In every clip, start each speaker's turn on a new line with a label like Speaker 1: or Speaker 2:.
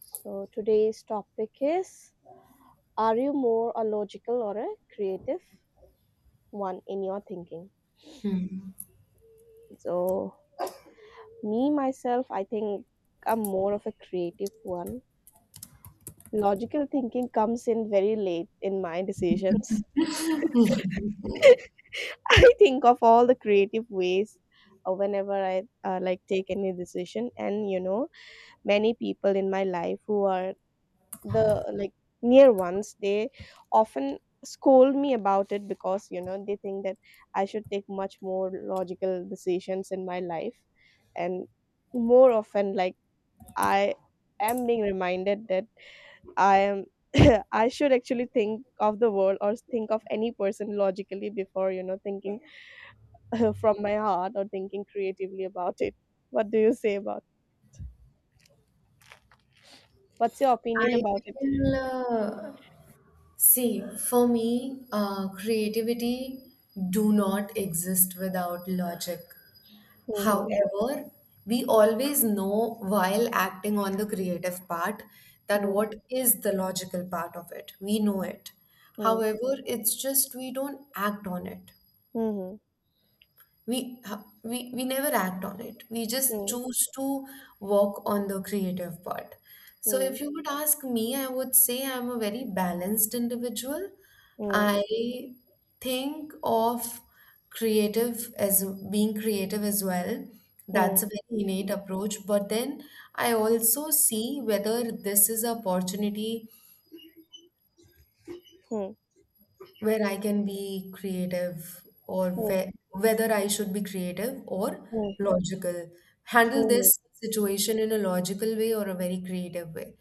Speaker 1: So today's topic is, are you more a logical or a creative one in your thinking?
Speaker 2: Hmm.
Speaker 1: So, me myself, I think I'm more of a creative one. Logical thinking comes in very late in my decisions. I think of all the creative ways whenever I like take any decision, and many people in my life who are the like near ones, they often scold me about it, because they think that I should take much more logical decisions in my life. And more often, like, I am being reminded that I am I should actually think of the world or think of any person logically before thinking from my heart or thinking creatively about it. what do you say about what's your opinion
Speaker 2: I
Speaker 1: about it?
Speaker 2: feel, see, for me, creativity do not exist without logic.
Speaker 1: Mm-hmm.
Speaker 2: However, we always know while acting on the creative part that
Speaker 1: Mm-hmm.
Speaker 2: what is the logical part of it. We know it.
Speaker 1: Mm-hmm.
Speaker 2: However, it's just we don't act on it.
Speaker 1: Mm-hmm.
Speaker 2: we ha- we never act on it. We just choose to work on the creative part. So
Speaker 1: Mm-hmm.
Speaker 2: if you would ask me, I would say I'm a very balanced individual.
Speaker 1: Hmm.
Speaker 2: I think of creative as being creative as well.
Speaker 1: Hmm.
Speaker 2: That's a very innate approach, but then I also see whether this is an opportunity
Speaker 1: Hmm.
Speaker 2: where I can be creative, or
Speaker 1: Hmm.
Speaker 2: where, whether I should be creative or
Speaker 1: Hmm.
Speaker 2: logical. Handle
Speaker 1: Mhm,
Speaker 2: this situation in a logical way or a very creative way.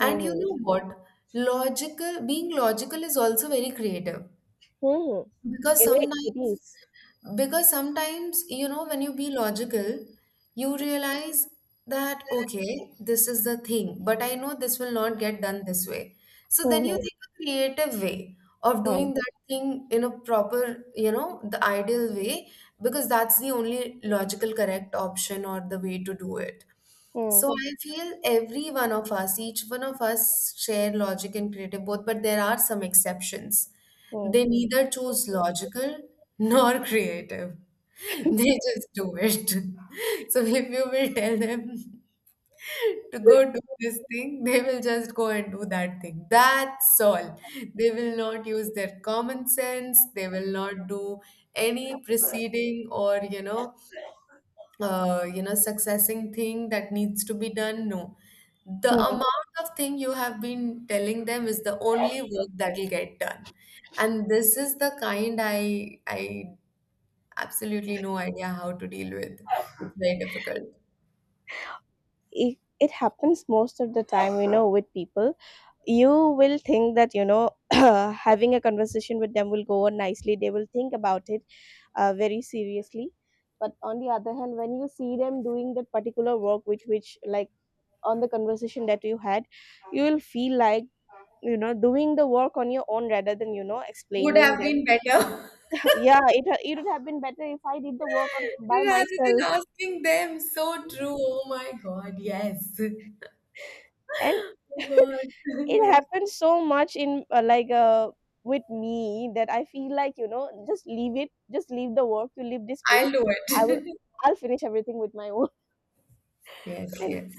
Speaker 2: And you
Speaker 1: mhm,
Speaker 2: know what? Logical, being logical is also very creative,
Speaker 1: mhm.
Speaker 2: because
Speaker 1: It
Speaker 2: sometimes,
Speaker 1: is.
Speaker 2: because sometimes you know, when you be logical, you realize that okay, this is the thing, but I know this will not get done this way. So then you
Speaker 1: Mhm.
Speaker 2: think a creative way of
Speaker 1: Hmm.
Speaker 2: doing that thing in a proper, you know, the ideal way, because that's the only logical correct option or the way to do it.
Speaker 1: Hmm.
Speaker 2: So I feel every one of us, each one of us share logic and creative both, but there are some exceptions.
Speaker 1: Hmm.
Speaker 2: They neither choose logical nor creative. They just do it. So if you will tell them to go do this thing, they will just go and do that thing. That's all. They will not use their common sense. They will not do any preceding or, you know, you know, successing thing that needs to be done. No, the
Speaker 1: Hmm.
Speaker 2: amount of thing you have been telling them is the only work that will get done. And this is the kind I absolutely no idea how to deal with. It's very difficult.
Speaker 1: It happens most of the time, with people. You will think that having a conversation with them will go on nicely. They will think about it very seriously. But on the other hand, when you see them doing that particular work with which, like, on the conversation that you had, you will feel like doing the work on your own rather than
Speaker 2: Would
Speaker 1: explaining
Speaker 2: have been
Speaker 1: them.
Speaker 2: better.
Speaker 1: Yeah, it would have been better if I did the work on by
Speaker 2: Rather
Speaker 1: myself.
Speaker 2: than asking them, so true. Oh my god, yes.
Speaker 1: And
Speaker 2: Oh god,
Speaker 1: it
Speaker 2: yes.
Speaker 1: happens so much in like with me that I feel like just leave it, just leave the work, you leave this
Speaker 2: I'll
Speaker 1: place.
Speaker 2: do
Speaker 1: I will
Speaker 2: it.
Speaker 1: I'll finish everything with my own.
Speaker 2: Yes,
Speaker 1: And
Speaker 2: yes.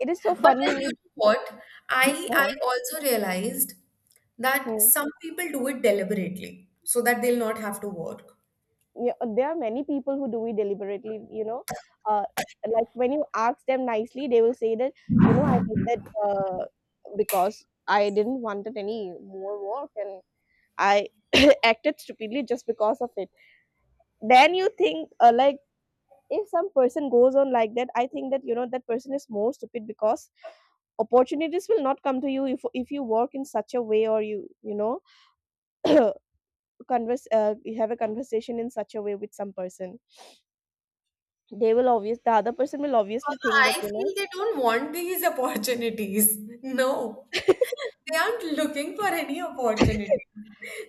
Speaker 1: it is so
Speaker 2: But
Speaker 1: funny
Speaker 2: then, you
Speaker 1: with.
Speaker 2: know what? I also realized that
Speaker 1: Hmm.
Speaker 2: some people do it deliberately so that they'll not have to work.
Speaker 1: Yeah, there are many people who do it deliberately uh, like when you ask them nicely they will say that I did that because I didn't wanted any more work, and I acted stupidly just because of it. Then you think like if some person goes on like that, I think that that person is more stupid, because opportunities will not come to you if you work in such a way, or you know converse, you have a conversation in such a way with some person. The other person will obviously think that,
Speaker 2: I
Speaker 1: you
Speaker 2: feel
Speaker 1: know.
Speaker 2: they don't want these opportunities. No, they aren't looking for any opportunity.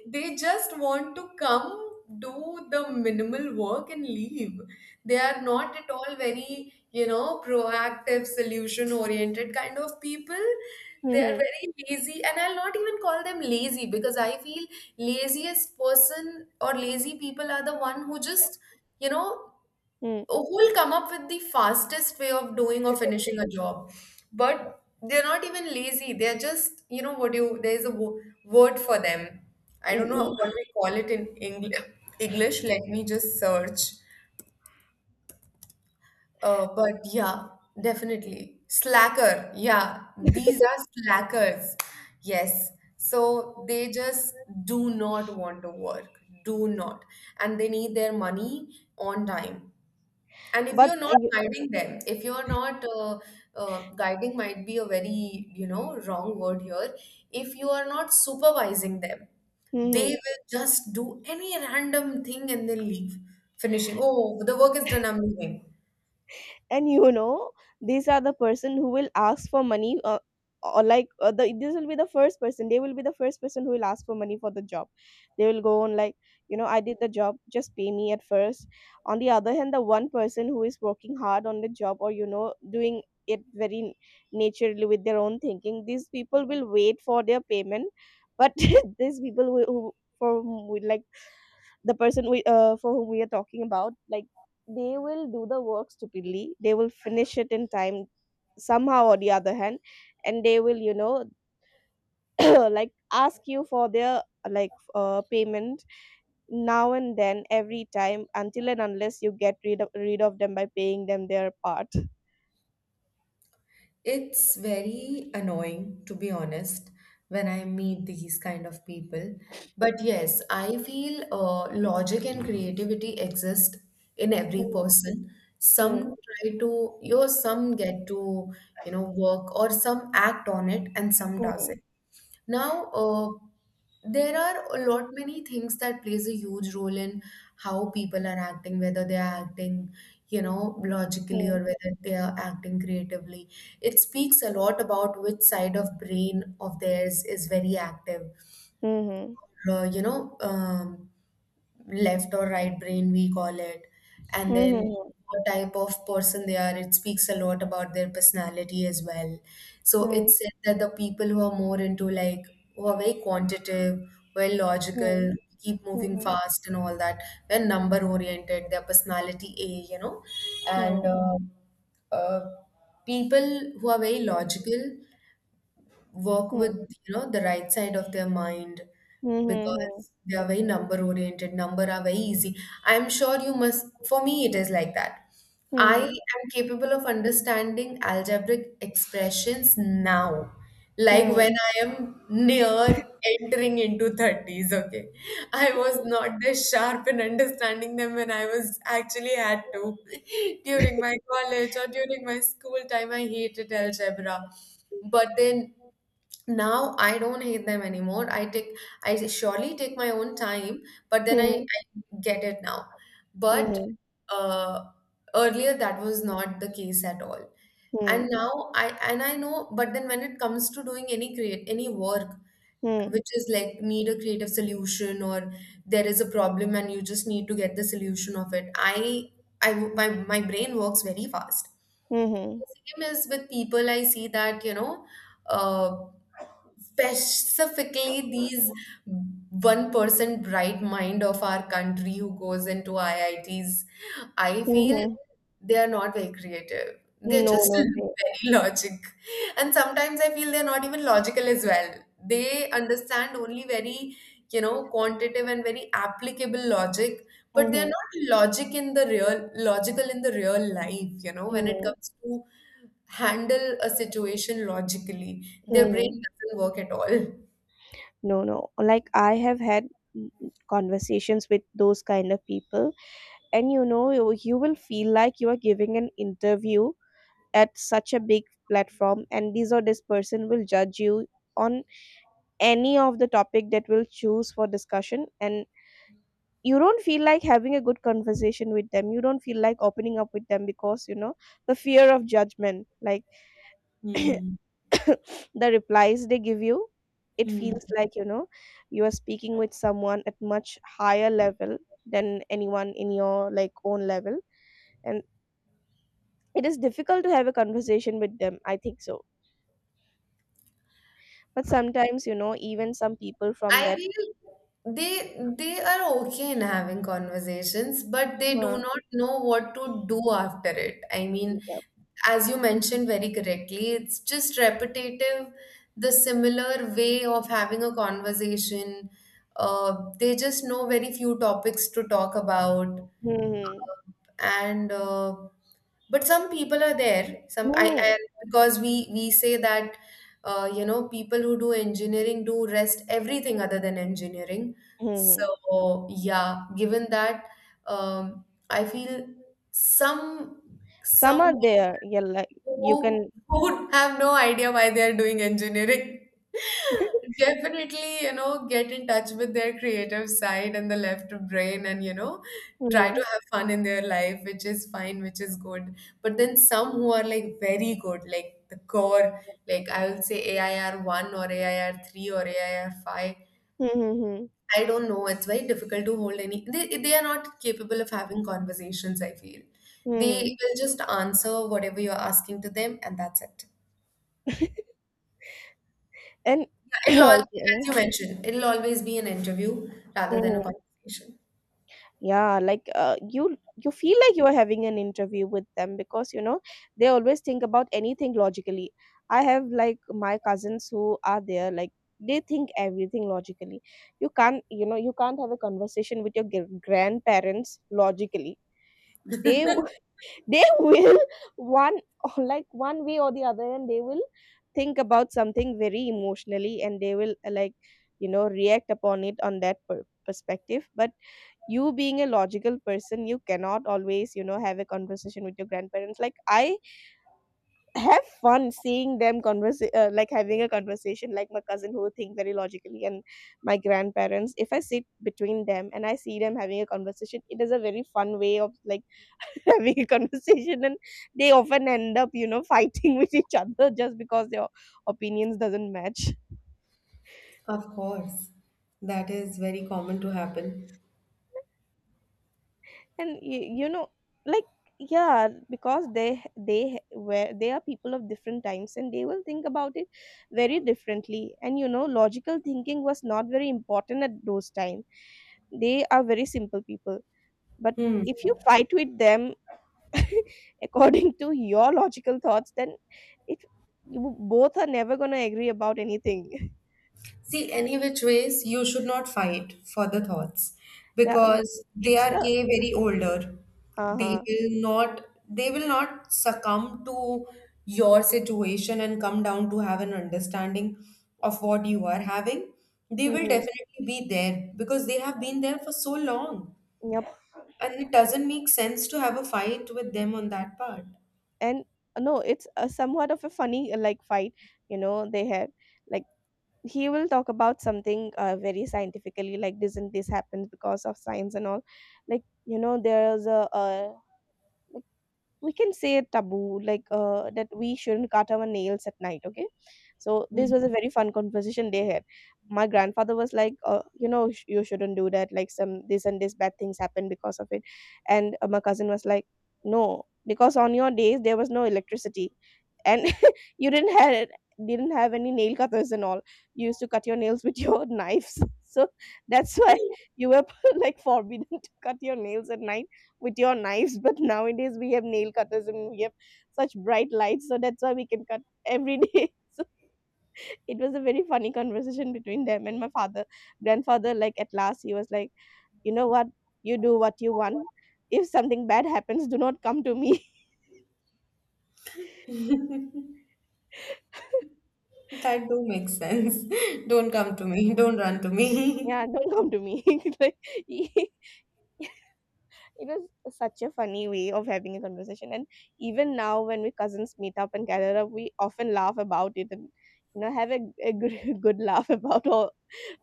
Speaker 2: They just want to come, do the minimal work, and leave. They are not at all very, you know, proactive, solution oriented kind of people. They are
Speaker 1: Mhm.
Speaker 2: very lazy, and I'll not even call them lazy, because I feel laziest person or lazy people are the one who just, you know,
Speaker 1: Hmm.
Speaker 2: who'll come up with the fastest way of doing or finishing a job. But they're not even lazy, they're just, you know what, you there's a word for them. I
Speaker 1: Mm,
Speaker 2: don't know
Speaker 1: mm.
Speaker 2: what we call it in English. English, let me just search. But yeah, definitely slacker, yeah. These are slackers. Yes, so they just do not want to work. Do not. And they need their money on time. And if
Speaker 1: But,
Speaker 2: you're not
Speaker 1: you.
Speaker 2: guiding them, if you're not guiding, might be a very, you know, wrong word here. If you are not supervising them, they
Speaker 1: Mhm.
Speaker 2: will just do any random thing and then leave, finishing. Oh, the work is done, I'm leaving.
Speaker 1: And these are the person who will ask for money, or like this will be the first person they will be the first person who will ask for money for the job. They will go on like I did the job, just pay me at first. On the other hand, the one person who is working hard on the job or doing it very naturally with their own thinking, these people will wait for their payment. But these people who for whom like the person we for whom we are talking about, like, they will do the work stupidly, they will finish it in time somehow or the other hand. And they will like ask you for their, like, payment now and then every time, until and unless you get rid of them by paying them their part.
Speaker 2: It's very annoying, to be honest, when I meet these kind of people. But yes, I feel logic and creativity exist in every
Speaker 1: Mm,
Speaker 2: person. Some
Speaker 1: mm,
Speaker 2: try to, you know, some get to, you know, work, or some act on it and some
Speaker 1: mm,
Speaker 2: doesn't. Now, there are a lot many things that plays a huge role in how people are acting, whether they are acting, you know, logically, or whether they are acting creatively. It speaks a lot about which side of brain of theirs is very active.
Speaker 1: mm,
Speaker 2: You know, left or right brain, we call it, and then
Speaker 1: mhm,
Speaker 2: what type of person they are. It speaks a lot about their personality as well. So
Speaker 1: mhm,
Speaker 2: it's said that the people who are more into, like, who are very quantitative, very
Speaker 1: mm,
Speaker 2: logical, keep moving
Speaker 1: mm,
Speaker 2: fast and all that, they're number oriented, their personality A, you know. And
Speaker 1: mhm,
Speaker 2: uh, people who are very logical work with,
Speaker 1: mm,
Speaker 2: you know, the right side of their mind,
Speaker 1: mm, mhm,
Speaker 2: because they are very number oriented. Number are very easy. I'm sure you must, for me it is like that. I
Speaker 1: mhm,
Speaker 2: am capable of understanding algebraic expressions now, like
Speaker 1: mhm,
Speaker 2: when I am near entering into 30s. Okay, I was not this sharp in understanding them when I was actually had to. During my college or during my school time, I hated algebra. But then now I don't hate them anymore. I take, I surely take my own time, but then i,
Speaker 1: mhm,
Speaker 2: I get it now. But
Speaker 1: mhm,
Speaker 2: uh, earlier that was not the case at all. And
Speaker 1: hmm,
Speaker 2: now I know. But then when it comes to doing any work
Speaker 1: hmm,
Speaker 2: which is like need a creative solution, or there is a problem and you just need to get the solution of it, my brain works very fast.
Speaker 1: mhm,
Speaker 2: The same is with people. I see that, you know, uh, specifically these 1% bright mind of our country who goes into IITs, I Ts, I feel
Speaker 1: mhm.
Speaker 2: they are not very creative. They're
Speaker 1: No,
Speaker 2: just
Speaker 1: no, they.
Speaker 2: very logic. And sometimes I feel they're not even logical as well. They understand only very, you know, quantitative and very applicable logic, but they're
Speaker 1: Mhm.
Speaker 2: not logical in the real life, you know, when it
Speaker 1: No.
Speaker 2: comes to handle a situation logically, their brain
Speaker 1: Mhm.
Speaker 2: doesn't work at all.
Speaker 1: No, no. Like, I have had conversations with those kind of people, and you will feel like you are giving an interview at such a big platform, and this or this person will judge you on any of the topic that will choose for discussion, and you don't feel like having a good conversation with them, you don't feel like opening up with them, because the fear of judgment, like
Speaker 2: Hmm.
Speaker 1: the replies they give you, it
Speaker 2: Hmm.
Speaker 1: feels like you are speaking with someone at much higher level than anyone in your like own level, and it is difficult to have a conversation with them, I think so. But sometimes even some people from
Speaker 2: I
Speaker 1: that,
Speaker 2: feel they are okay in having conversations, but they do
Speaker 1: uh,
Speaker 2: not know what to do after it. I mean,
Speaker 1: yeah.
Speaker 2: as you mentioned very correctly, it's just repetitive, the similar way of having a conversation. They just know very few topics to talk about,
Speaker 1: Hmm.
Speaker 2: and but some people are there. some i,
Speaker 1: Hmm.
Speaker 2: I because we say that you know, people who do engineering do rest everything other than engineering.
Speaker 1: Hmm. Hmm.
Speaker 2: So yeah, given that, um, I feel some
Speaker 1: Some
Speaker 2: some
Speaker 1: are there, yeah, like you
Speaker 2: who
Speaker 1: can.
Speaker 2: would have no idea why they are doing engineering. Definitely, you know, get in touch with their creative side and the left brain, and, you know, try
Speaker 1: Hmm.
Speaker 2: to have fun in their life, which is fine, which is good. But then some who are like very good, like the core, like I will say AIR 1 or AIR 3 or AIR 5,
Speaker 1: Mhm, mhm,
Speaker 2: I don't know. It's very difficult to hold any. They are not capable of having conversations, I feel. They
Speaker 1: mhm.
Speaker 2: will just answer whatever you're asking to them, and that's it.
Speaker 1: And
Speaker 2: Yeah, it'll all,
Speaker 1: you
Speaker 2: as
Speaker 1: know,
Speaker 2: you mentioned, it'll always be an interview rather than a
Speaker 1: mhm.
Speaker 2: conversation.
Speaker 1: Yeah, like, you feel like you are having an interview with them, because they always think about anything logically. I have like my cousins who are there, like they think everything logically. You can't, you can't have a conversation with your grandparents logically. They they will one or like one way or the other, and they will think about something very emotionally, and they will like react upon it on that perspective. But you being a logical person, you cannot always have a conversation with your grandparents. Like, I have fun seeing them converse, like having a conversation, like my cousin who think very logically and my grandparents. If I sit between them and I see them having a conversation, it is a very fun way of, like, having a conversation, and they often end up fighting with each other just because their opinions doesn't match.
Speaker 2: Of course, that is very common to happen.
Speaker 1: And you know like, yeah. Because they are people of different times, and they will think about it very differently, and logical thinking was not very important at those time. They are very simple people. But
Speaker 2: Hmm.
Speaker 1: if you fight with them according to your logical thoughts, then it you both are never going to agree about anything.
Speaker 2: See, any which ways, you should not fight for the thoughts
Speaker 1: Yeah,
Speaker 2: because they
Speaker 1: it's
Speaker 2: are
Speaker 1: the.
Speaker 2: a very older.
Speaker 1: Uh-huh.
Speaker 2: They will not succumb to your situation and come down to have an understanding of what you are having. They will
Speaker 1: Mhm.
Speaker 2: definitely be there because they have been there for so long.
Speaker 1: Yep.
Speaker 2: And it doesn't make sense to have a fight with them on that part.
Speaker 1: And no, it's a somewhat of a funny, like fight, they have, like he will talk about something very scientifically, like doesn't this happen because of science and all. Like, there's a, we can say a taboo, like that we shouldn't cut our nails at night, okay. So this was a very fun conversation they had. My grandfather was like, you shouldn't do that, like some this and this bad things happen because of it. And my cousin was like, no, because on your days there was no electricity, and you didn't have any nail cutters and all. You used to cut your nails with your knives, so that's why you were like forbidden to cut your nails at night with your knives. But nowadays we have nail cutters, and we have such bright lights, so that's why we can cut every day. So it was a very funny conversation between them, and my father grandfather, like at last he was like, you know what, you do what you want. If something bad happens, do not come to me.
Speaker 2: That do make sense. Don't come to me. Don't run to me.
Speaker 1: Yeah, don't come to me. Like. It was such a funny way of having a conversation. And even now, when we cousins meet up and gather up, we often laugh about it, and have a good, good laugh about all,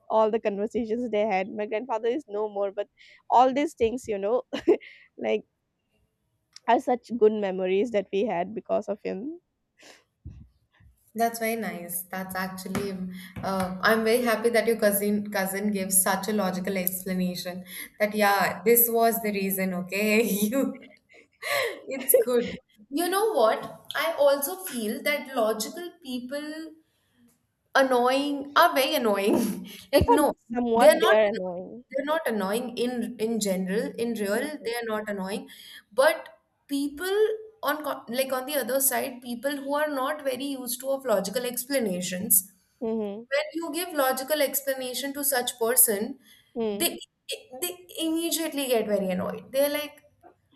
Speaker 1: all the conversations they had. My grandfather is no more, but all these things, like, are such good memories that we had because of him.
Speaker 2: That's very nice. That's actually, I'm very happy that your cousin gives such a logical explanation that yeah, this was the reason. Okay, you, it's good. You know what? I also feel that logical people annoying are very annoying.
Speaker 1: It's
Speaker 2: Like no,
Speaker 1: somewhat
Speaker 2: they're
Speaker 1: they
Speaker 2: not
Speaker 1: are
Speaker 2: annoying.
Speaker 1: annoying.
Speaker 2: They're not annoying in general. In real,
Speaker 1: Mm-hmm.
Speaker 2: they are not annoying. But people like on the other side, people who are not very used to of logical explanations.
Speaker 1: Mm-hmm.
Speaker 2: When you give logical explanation to such person, they
Speaker 1: Mm-hmm.
Speaker 2: they immediately get very annoyed. They're like,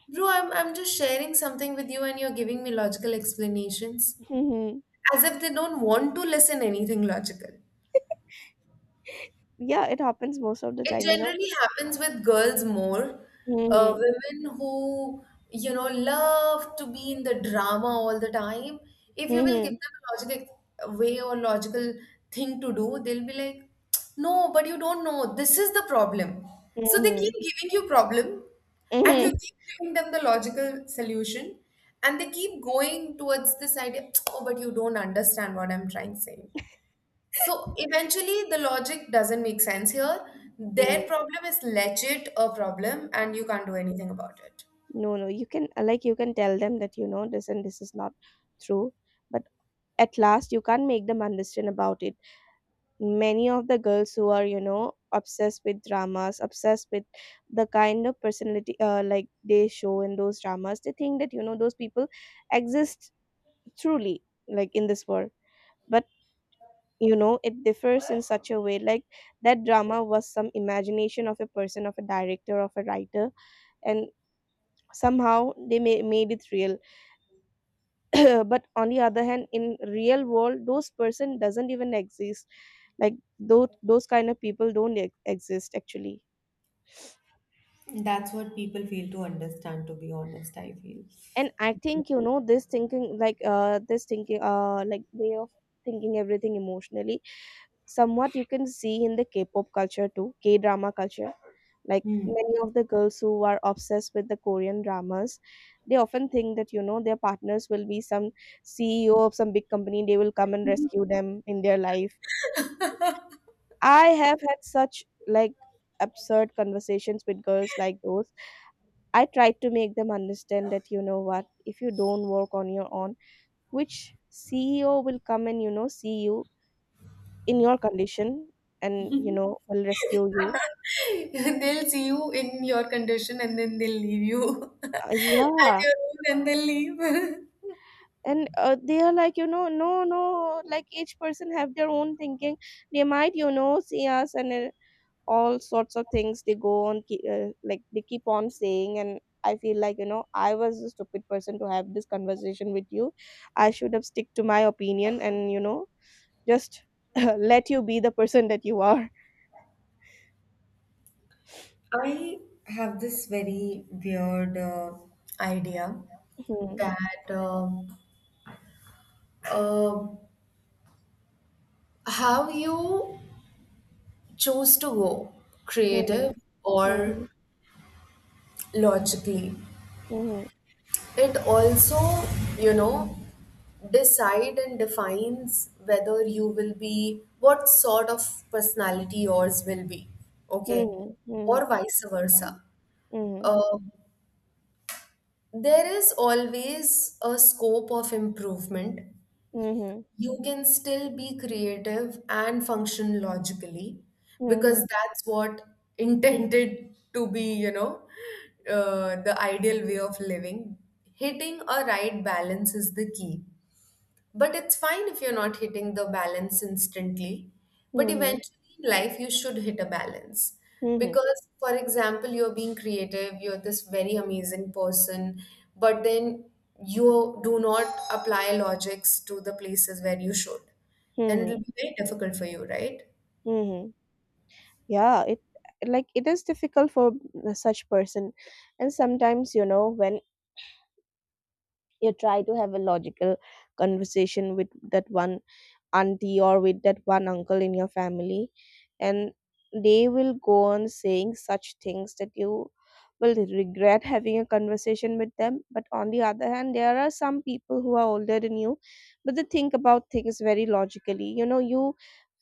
Speaker 2: bro, I'm just sharing something with you and you're giving me logical explanations.
Speaker 1: Mm-hmm.
Speaker 2: As if they don't want to listen anything logical.
Speaker 1: Yeah, it happens most of the
Speaker 2: It
Speaker 1: time.
Speaker 2: generally happens with girls more.
Speaker 1: Mm-hmm.
Speaker 2: Women who, you know, love to be in the drama all the time. If you will give
Speaker 1: Mm-hmm.
Speaker 2: them a logical way or logical thing to do, they'll be like, no, but you don't know. This is the problem. So they
Speaker 1: Mm-hmm.
Speaker 2: keep giving you problem and you
Speaker 1: Mm-hmm.
Speaker 2: keep giving them the logical solution, and they keep going towards this idea, oh, but you don't understand what I'm trying to say. So eventually, the logic doesn't make sense here. Their
Speaker 1: Mm-hmm.
Speaker 2: problem is legit a problem, and you can't do anything about it.
Speaker 1: No, no, you can like you can tell them that this and this is not true, but at last you can't make them understand about it. Many of the girls who are obsessed with dramas, obsessed with the kind of personality, like they show in those dramas, they think that those people exist truly, like in this world. But it differs in such a way, like that drama was some imagination of a person, of a director, of a writer, and somehow they made it real. But on the other hand, in real world, those person doesn't even exist. Like those kind of people don't exist, actually.
Speaker 2: That's what people fail to understand, to be honest, I feel.
Speaker 1: And I think this thinking, like, this thinking like way of thinking everything emotionally, somewhat you can see in the K-pop culture too, K-drama culture. Like
Speaker 2: Hmm.
Speaker 1: many of the girls who are obsessed with the Korean dramas, they often think that their partners will be some CEO of some big company, they will come and rescue them in their life. I have had such, like, absurd conversations with girls like those. I tried to make them understand that, you know what, if you don't work on your own, which CEO will come and, you know, see you in your condition and, you know, will rescue you.
Speaker 2: They'll see you in your condition and then they'll leave you
Speaker 1: Uh,
Speaker 2: at
Speaker 1: yeah,
Speaker 2: your own and they'll leave.
Speaker 1: and they are like, you know no no like each person have their own thinking. They might, you know, see us and all sorts of things they go on like they keep on saying. And I feel like, you know, I was a stupid person to have this conversation with you. I should have stick to my opinion and, you know, just let you be the person that you are.
Speaker 2: I have this very weird idea
Speaker 1: Mhm,
Speaker 2: that uh, how you choose to go creative
Speaker 1: mhm,
Speaker 2: or
Speaker 1: mhm,
Speaker 2: logically,
Speaker 1: mhm,
Speaker 2: it also you know decide and defines whether you will be what sort of personality yours will be. Okay,
Speaker 1: mhm,
Speaker 2: or vice versa.
Speaker 1: mhm,
Speaker 2: uh, there is always a scope of improvement.
Speaker 1: mhm,
Speaker 2: You can still be creative and function logically, because
Speaker 1: mhm,
Speaker 2: that's what intended to be, you know, the ideal way of living. Hitting a right balance is the key. But it's fine if you're not hitting the balance instantly. But
Speaker 1: mhm, mhm,
Speaker 2: eventually in life, you should hit a balance.
Speaker 1: mhm,
Speaker 2: Because, for example, you're being creative, you're this very amazing person, but then you do not apply logics to the places where you should. Then it'll
Speaker 1: mhm,
Speaker 2: be very difficult for you, right?
Speaker 1: mhm. Yeah, it it is difficult for such person. And sometimes, you know, when you try to have a logical conversation with that one auntie or with that one uncle in your family, and they will go on saying such things that you will regret having a conversation with them. But on the other hand, there are some people who are older than you but they think about things very logically. You know, you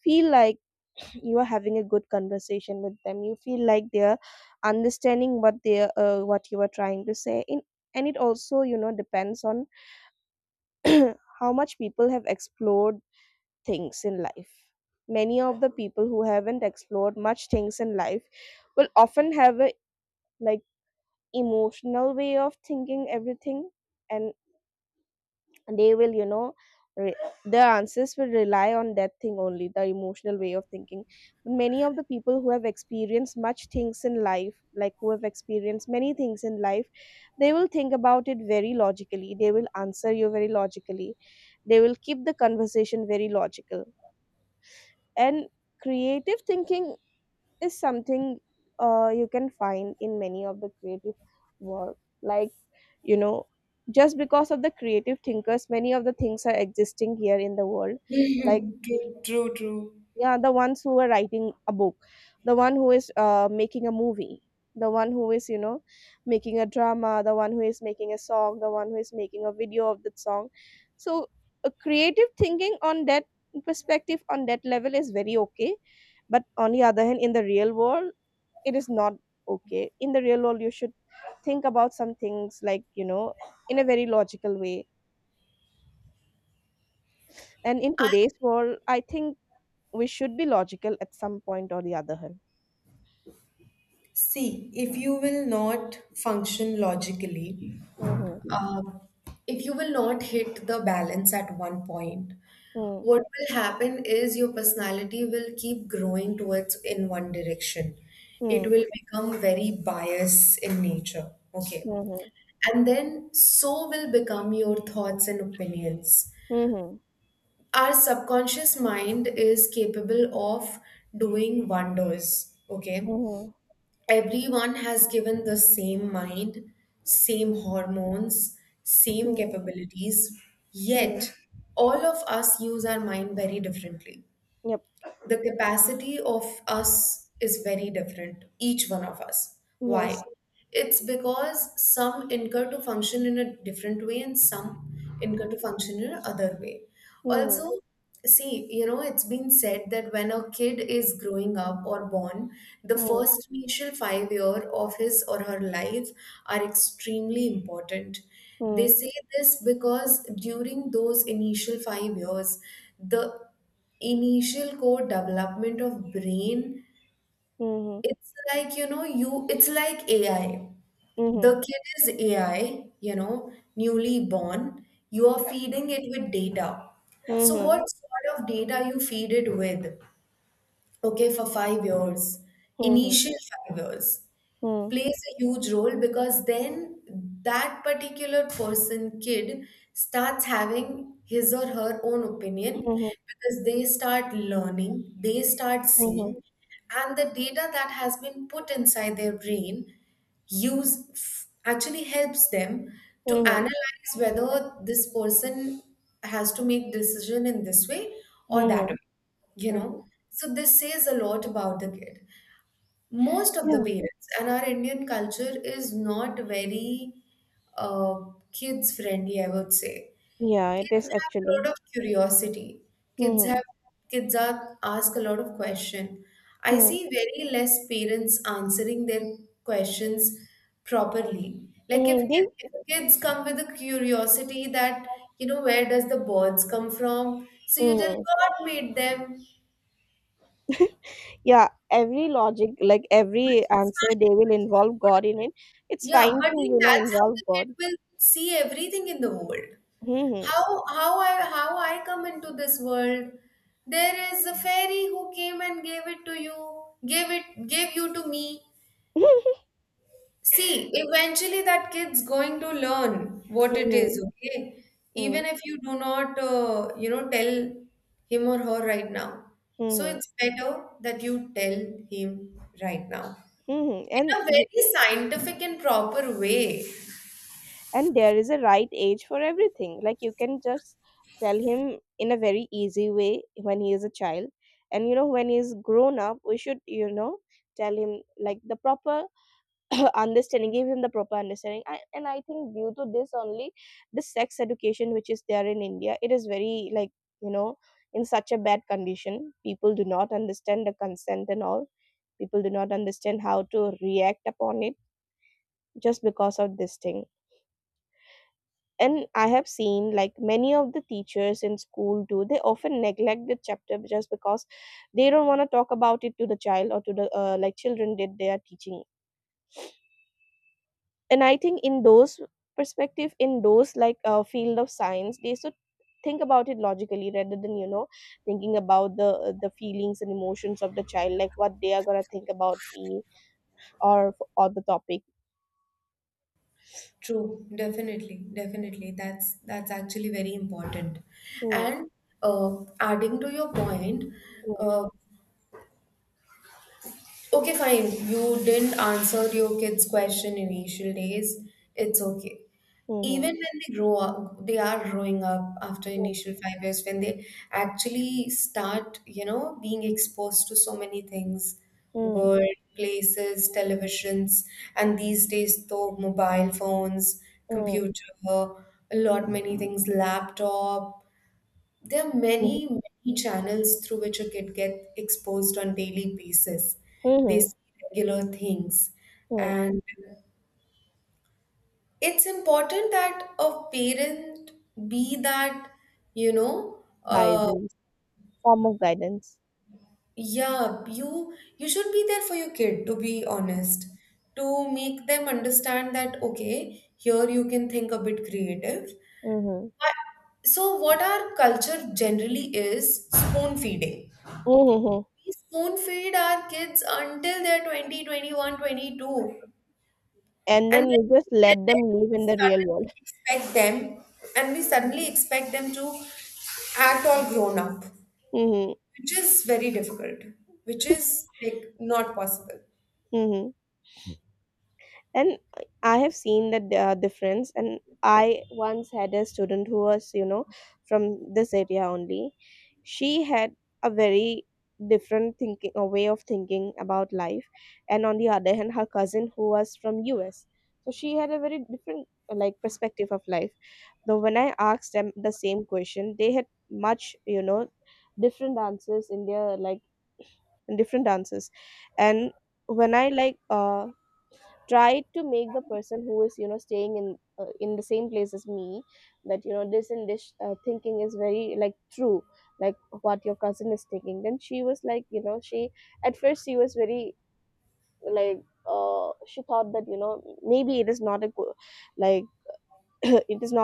Speaker 1: feel like you are having a good conversation with them. You feel like they're understanding what they are what you are trying to say in. And it also, you know, depends on how much people have explored things in life. Many of the people who haven't explored much things in life will often have a, like, emotional way of thinking everything. And and they will, you know, re- their answers will rely on that thing only, the emotional way of thinking. But many of the people who have experienced much things in life, like who have experienced many things in life, they will think about it very logically. They will answer you very logically. They will keep the conversation very logical. And creative thinking is something, you can find in many of the creative work, like, you know, just because of the creative thinkers, many of the things are existing here in the world, like,
Speaker 2: True, true, true.
Speaker 1: yeah. The ones who are writing a book, the one who is making a movie, the one who is, you know, making a drama, the one who is making a song, the one who is making a video of that song. So a creative thinking on that perspective on that level is very okay. But on the other hand, in the real world, it is not okay. In the real world, you should think about some things, like, you know, in a very logical way. And in
Speaker 2: I
Speaker 1: today's world, I think we should be logical at some point or the other hand.
Speaker 2: see. If you will not function logically,
Speaker 1: Mm-hmm.
Speaker 2: uh, if you will not hit the balance at 1 point,
Speaker 1: Mm-hmm.
Speaker 2: what will happen is your personality will keep growing towards in one direction. It will become very biased in nature, okay,
Speaker 1: Mm-hmm.
Speaker 2: and then so will become your thoughts and opinions.
Speaker 1: Mm-hmm.
Speaker 2: Our subconscious mind is capable of doing wonders, okay.
Speaker 1: Mm-hmm.
Speaker 2: Everyone has given the same mind, same hormones, same capabilities,
Speaker 1: Mm-hmm.
Speaker 2: yet all of us use our mind very differently.
Speaker 1: Yep.
Speaker 2: The capacity of us is very different, each one of us.
Speaker 1: Yes.
Speaker 2: Why? It's because some incur to function in a different way and some incur to function in another way.
Speaker 1: Mm-hmm.
Speaker 2: Also, see, you know, it's been said that when a kid is growing up or born, the
Speaker 1: Mm-hmm.
Speaker 2: first initial 5 year of his or her life are extremely important. They
Speaker 1: Mm-hmm.
Speaker 2: say this because during those initial 5 years, the initial core development of brain,
Speaker 1: Mm-hmm.
Speaker 2: it's like you know you it's like AI. The kid is AI, you know, newly born. You are feeding it with data. So
Speaker 1: Mm-hmm.
Speaker 2: what sort of data you feed it with, okay, for 5 years,
Speaker 1: Mm-hmm.
Speaker 2: initial 5 years,
Speaker 1: Mm-hmm.
Speaker 2: plays a huge role, because then that particular person, kid, starts having his or her own opinion,
Speaker 1: Mm-hmm. Mm-hmm.
Speaker 2: because they start learning, they start
Speaker 1: Mm-hmm.
Speaker 2: seeing, and the data that has been put inside their brain actually helps them to
Speaker 1: Mm-hmm.
Speaker 2: analyze whether this person has to make decision in this way or that
Speaker 1: Mm-hmm.
Speaker 2: way. You
Speaker 1: Mm-hmm.
Speaker 2: know, so this says a lot about the kid. Most of the
Speaker 1: Yeah.
Speaker 2: parents and our Indian culture is not very uh, kids friendly, I would say.
Speaker 1: Yeah. It is
Speaker 2: Kids have a lot
Speaker 1: actually.
Speaker 2: of curiosity, kids
Speaker 1: Mm-hmm.
Speaker 2: have, kids are ask a lot of question. I see
Speaker 1: Mm-hmm.
Speaker 2: very less parents answering their questions properly. Like
Speaker 1: Mm-hmm.
Speaker 2: if kids come with a curiosity that, you know, where does the birds come from, so you tell
Speaker 1: Mm-hmm.
Speaker 2: god made them,
Speaker 1: Yeah, every logic, like
Speaker 2: which
Speaker 1: every
Speaker 2: is
Speaker 1: answer,
Speaker 2: fine.
Speaker 1: they will involve god in it. It's
Speaker 2: Yeah,
Speaker 1: fine
Speaker 2: but
Speaker 1: to,
Speaker 2: then
Speaker 1: you know,
Speaker 2: that's how
Speaker 1: involve
Speaker 2: the kid
Speaker 1: god.
Speaker 2: will see everything in the world.
Speaker 1: Hmm.
Speaker 2: How I come into this world? There is a fairy who came and gave it to you, gave you to me. See, eventually that kid's going to learn what it is,
Speaker 1: Mhm,
Speaker 2: okay?
Speaker 1: mhm,
Speaker 2: Even if you do not, you know, tell him or her right now. So
Speaker 1: mhm,
Speaker 2: it's better that you tell him right now
Speaker 1: mhm.
Speaker 2: in a very scientific and proper way.
Speaker 1: And there is a right age for everything. Like, you can just tell him in a very easy way when he is a child. And, you know, when he's grown up, we should, you know, tell him like the proper understanding, give him the proper understanding. I, and I think due to this only, the sex education which is there in india, it is very like, you know, in such a bad condition. People do not understand the consent and all. People do not understand how to react upon it, just because of this thing. And I have seen like many of the teachers in school do, they often neglect the chapter just because they don't want to talk about it to the child or to the like, children that they are teaching. And I think in those perspective, in those, like, field of science, they should think about it logically rather than, you know, thinking about the feelings and emotions of the child, like what they are gonna think about me or the topic.
Speaker 2: True, definitely, definitely. That's actually very important.
Speaker 1: Mm,
Speaker 2: And adding to your point,
Speaker 1: mm,
Speaker 2: uh, okay, fine. You didn't answer your kids' question initial days. It's okay. Even
Speaker 1: mm,
Speaker 2: when they grow up, they are growing up after
Speaker 1: mm,
Speaker 2: initial 5 years when they actually start, you know, being exposed to so many things,
Speaker 1: mm,
Speaker 2: world, places, televisions, and these days though mobile phones,
Speaker 1: mm,
Speaker 2: computer, a lot many things, laptop, there are
Speaker 1: mm,
Speaker 2: many, many channels through which a kid gets exposed on daily basis. They
Speaker 1: mm,
Speaker 2: see regular things.
Speaker 1: mm.
Speaker 2: And it's important that a parent be that, you know,
Speaker 1: Guidance, form of guidance.
Speaker 2: yeah, you should be there for your kid, to be honest, to make them understand that, okay, here you can think a bit creative.
Speaker 1: Mm-hmm.
Speaker 2: But- so what our culture generally is spoon feeding.
Speaker 1: Mm-hmm.
Speaker 2: We spoon feed our kids until they're 22,
Speaker 1: And
Speaker 2: and
Speaker 1: then
Speaker 2: then,
Speaker 1: you just let them live in the real world.
Speaker 2: and then we suddenly expect them, and we suddenly expect them to act all grown up, which is very difficult, which is like not possible.
Speaker 1: Mm-hmm. And I have seen that difference. And I once had a student who was, you know, from this area only. She had a very different thinking, a way of thinking about life. And on the other hand, her cousin who was from us, so she had a very different like perspective of life. Though when I asked them the same question, they had much, you know, different answers in their, like, different answers. And when I like try to make the person who is, you know, staying in the same place as me, that, you know, this and this thinking is very like true, like what your cousin is thinking, then she was like, you know, she at first she was very like she thought that, you know, maybe it is not a good, like, it is not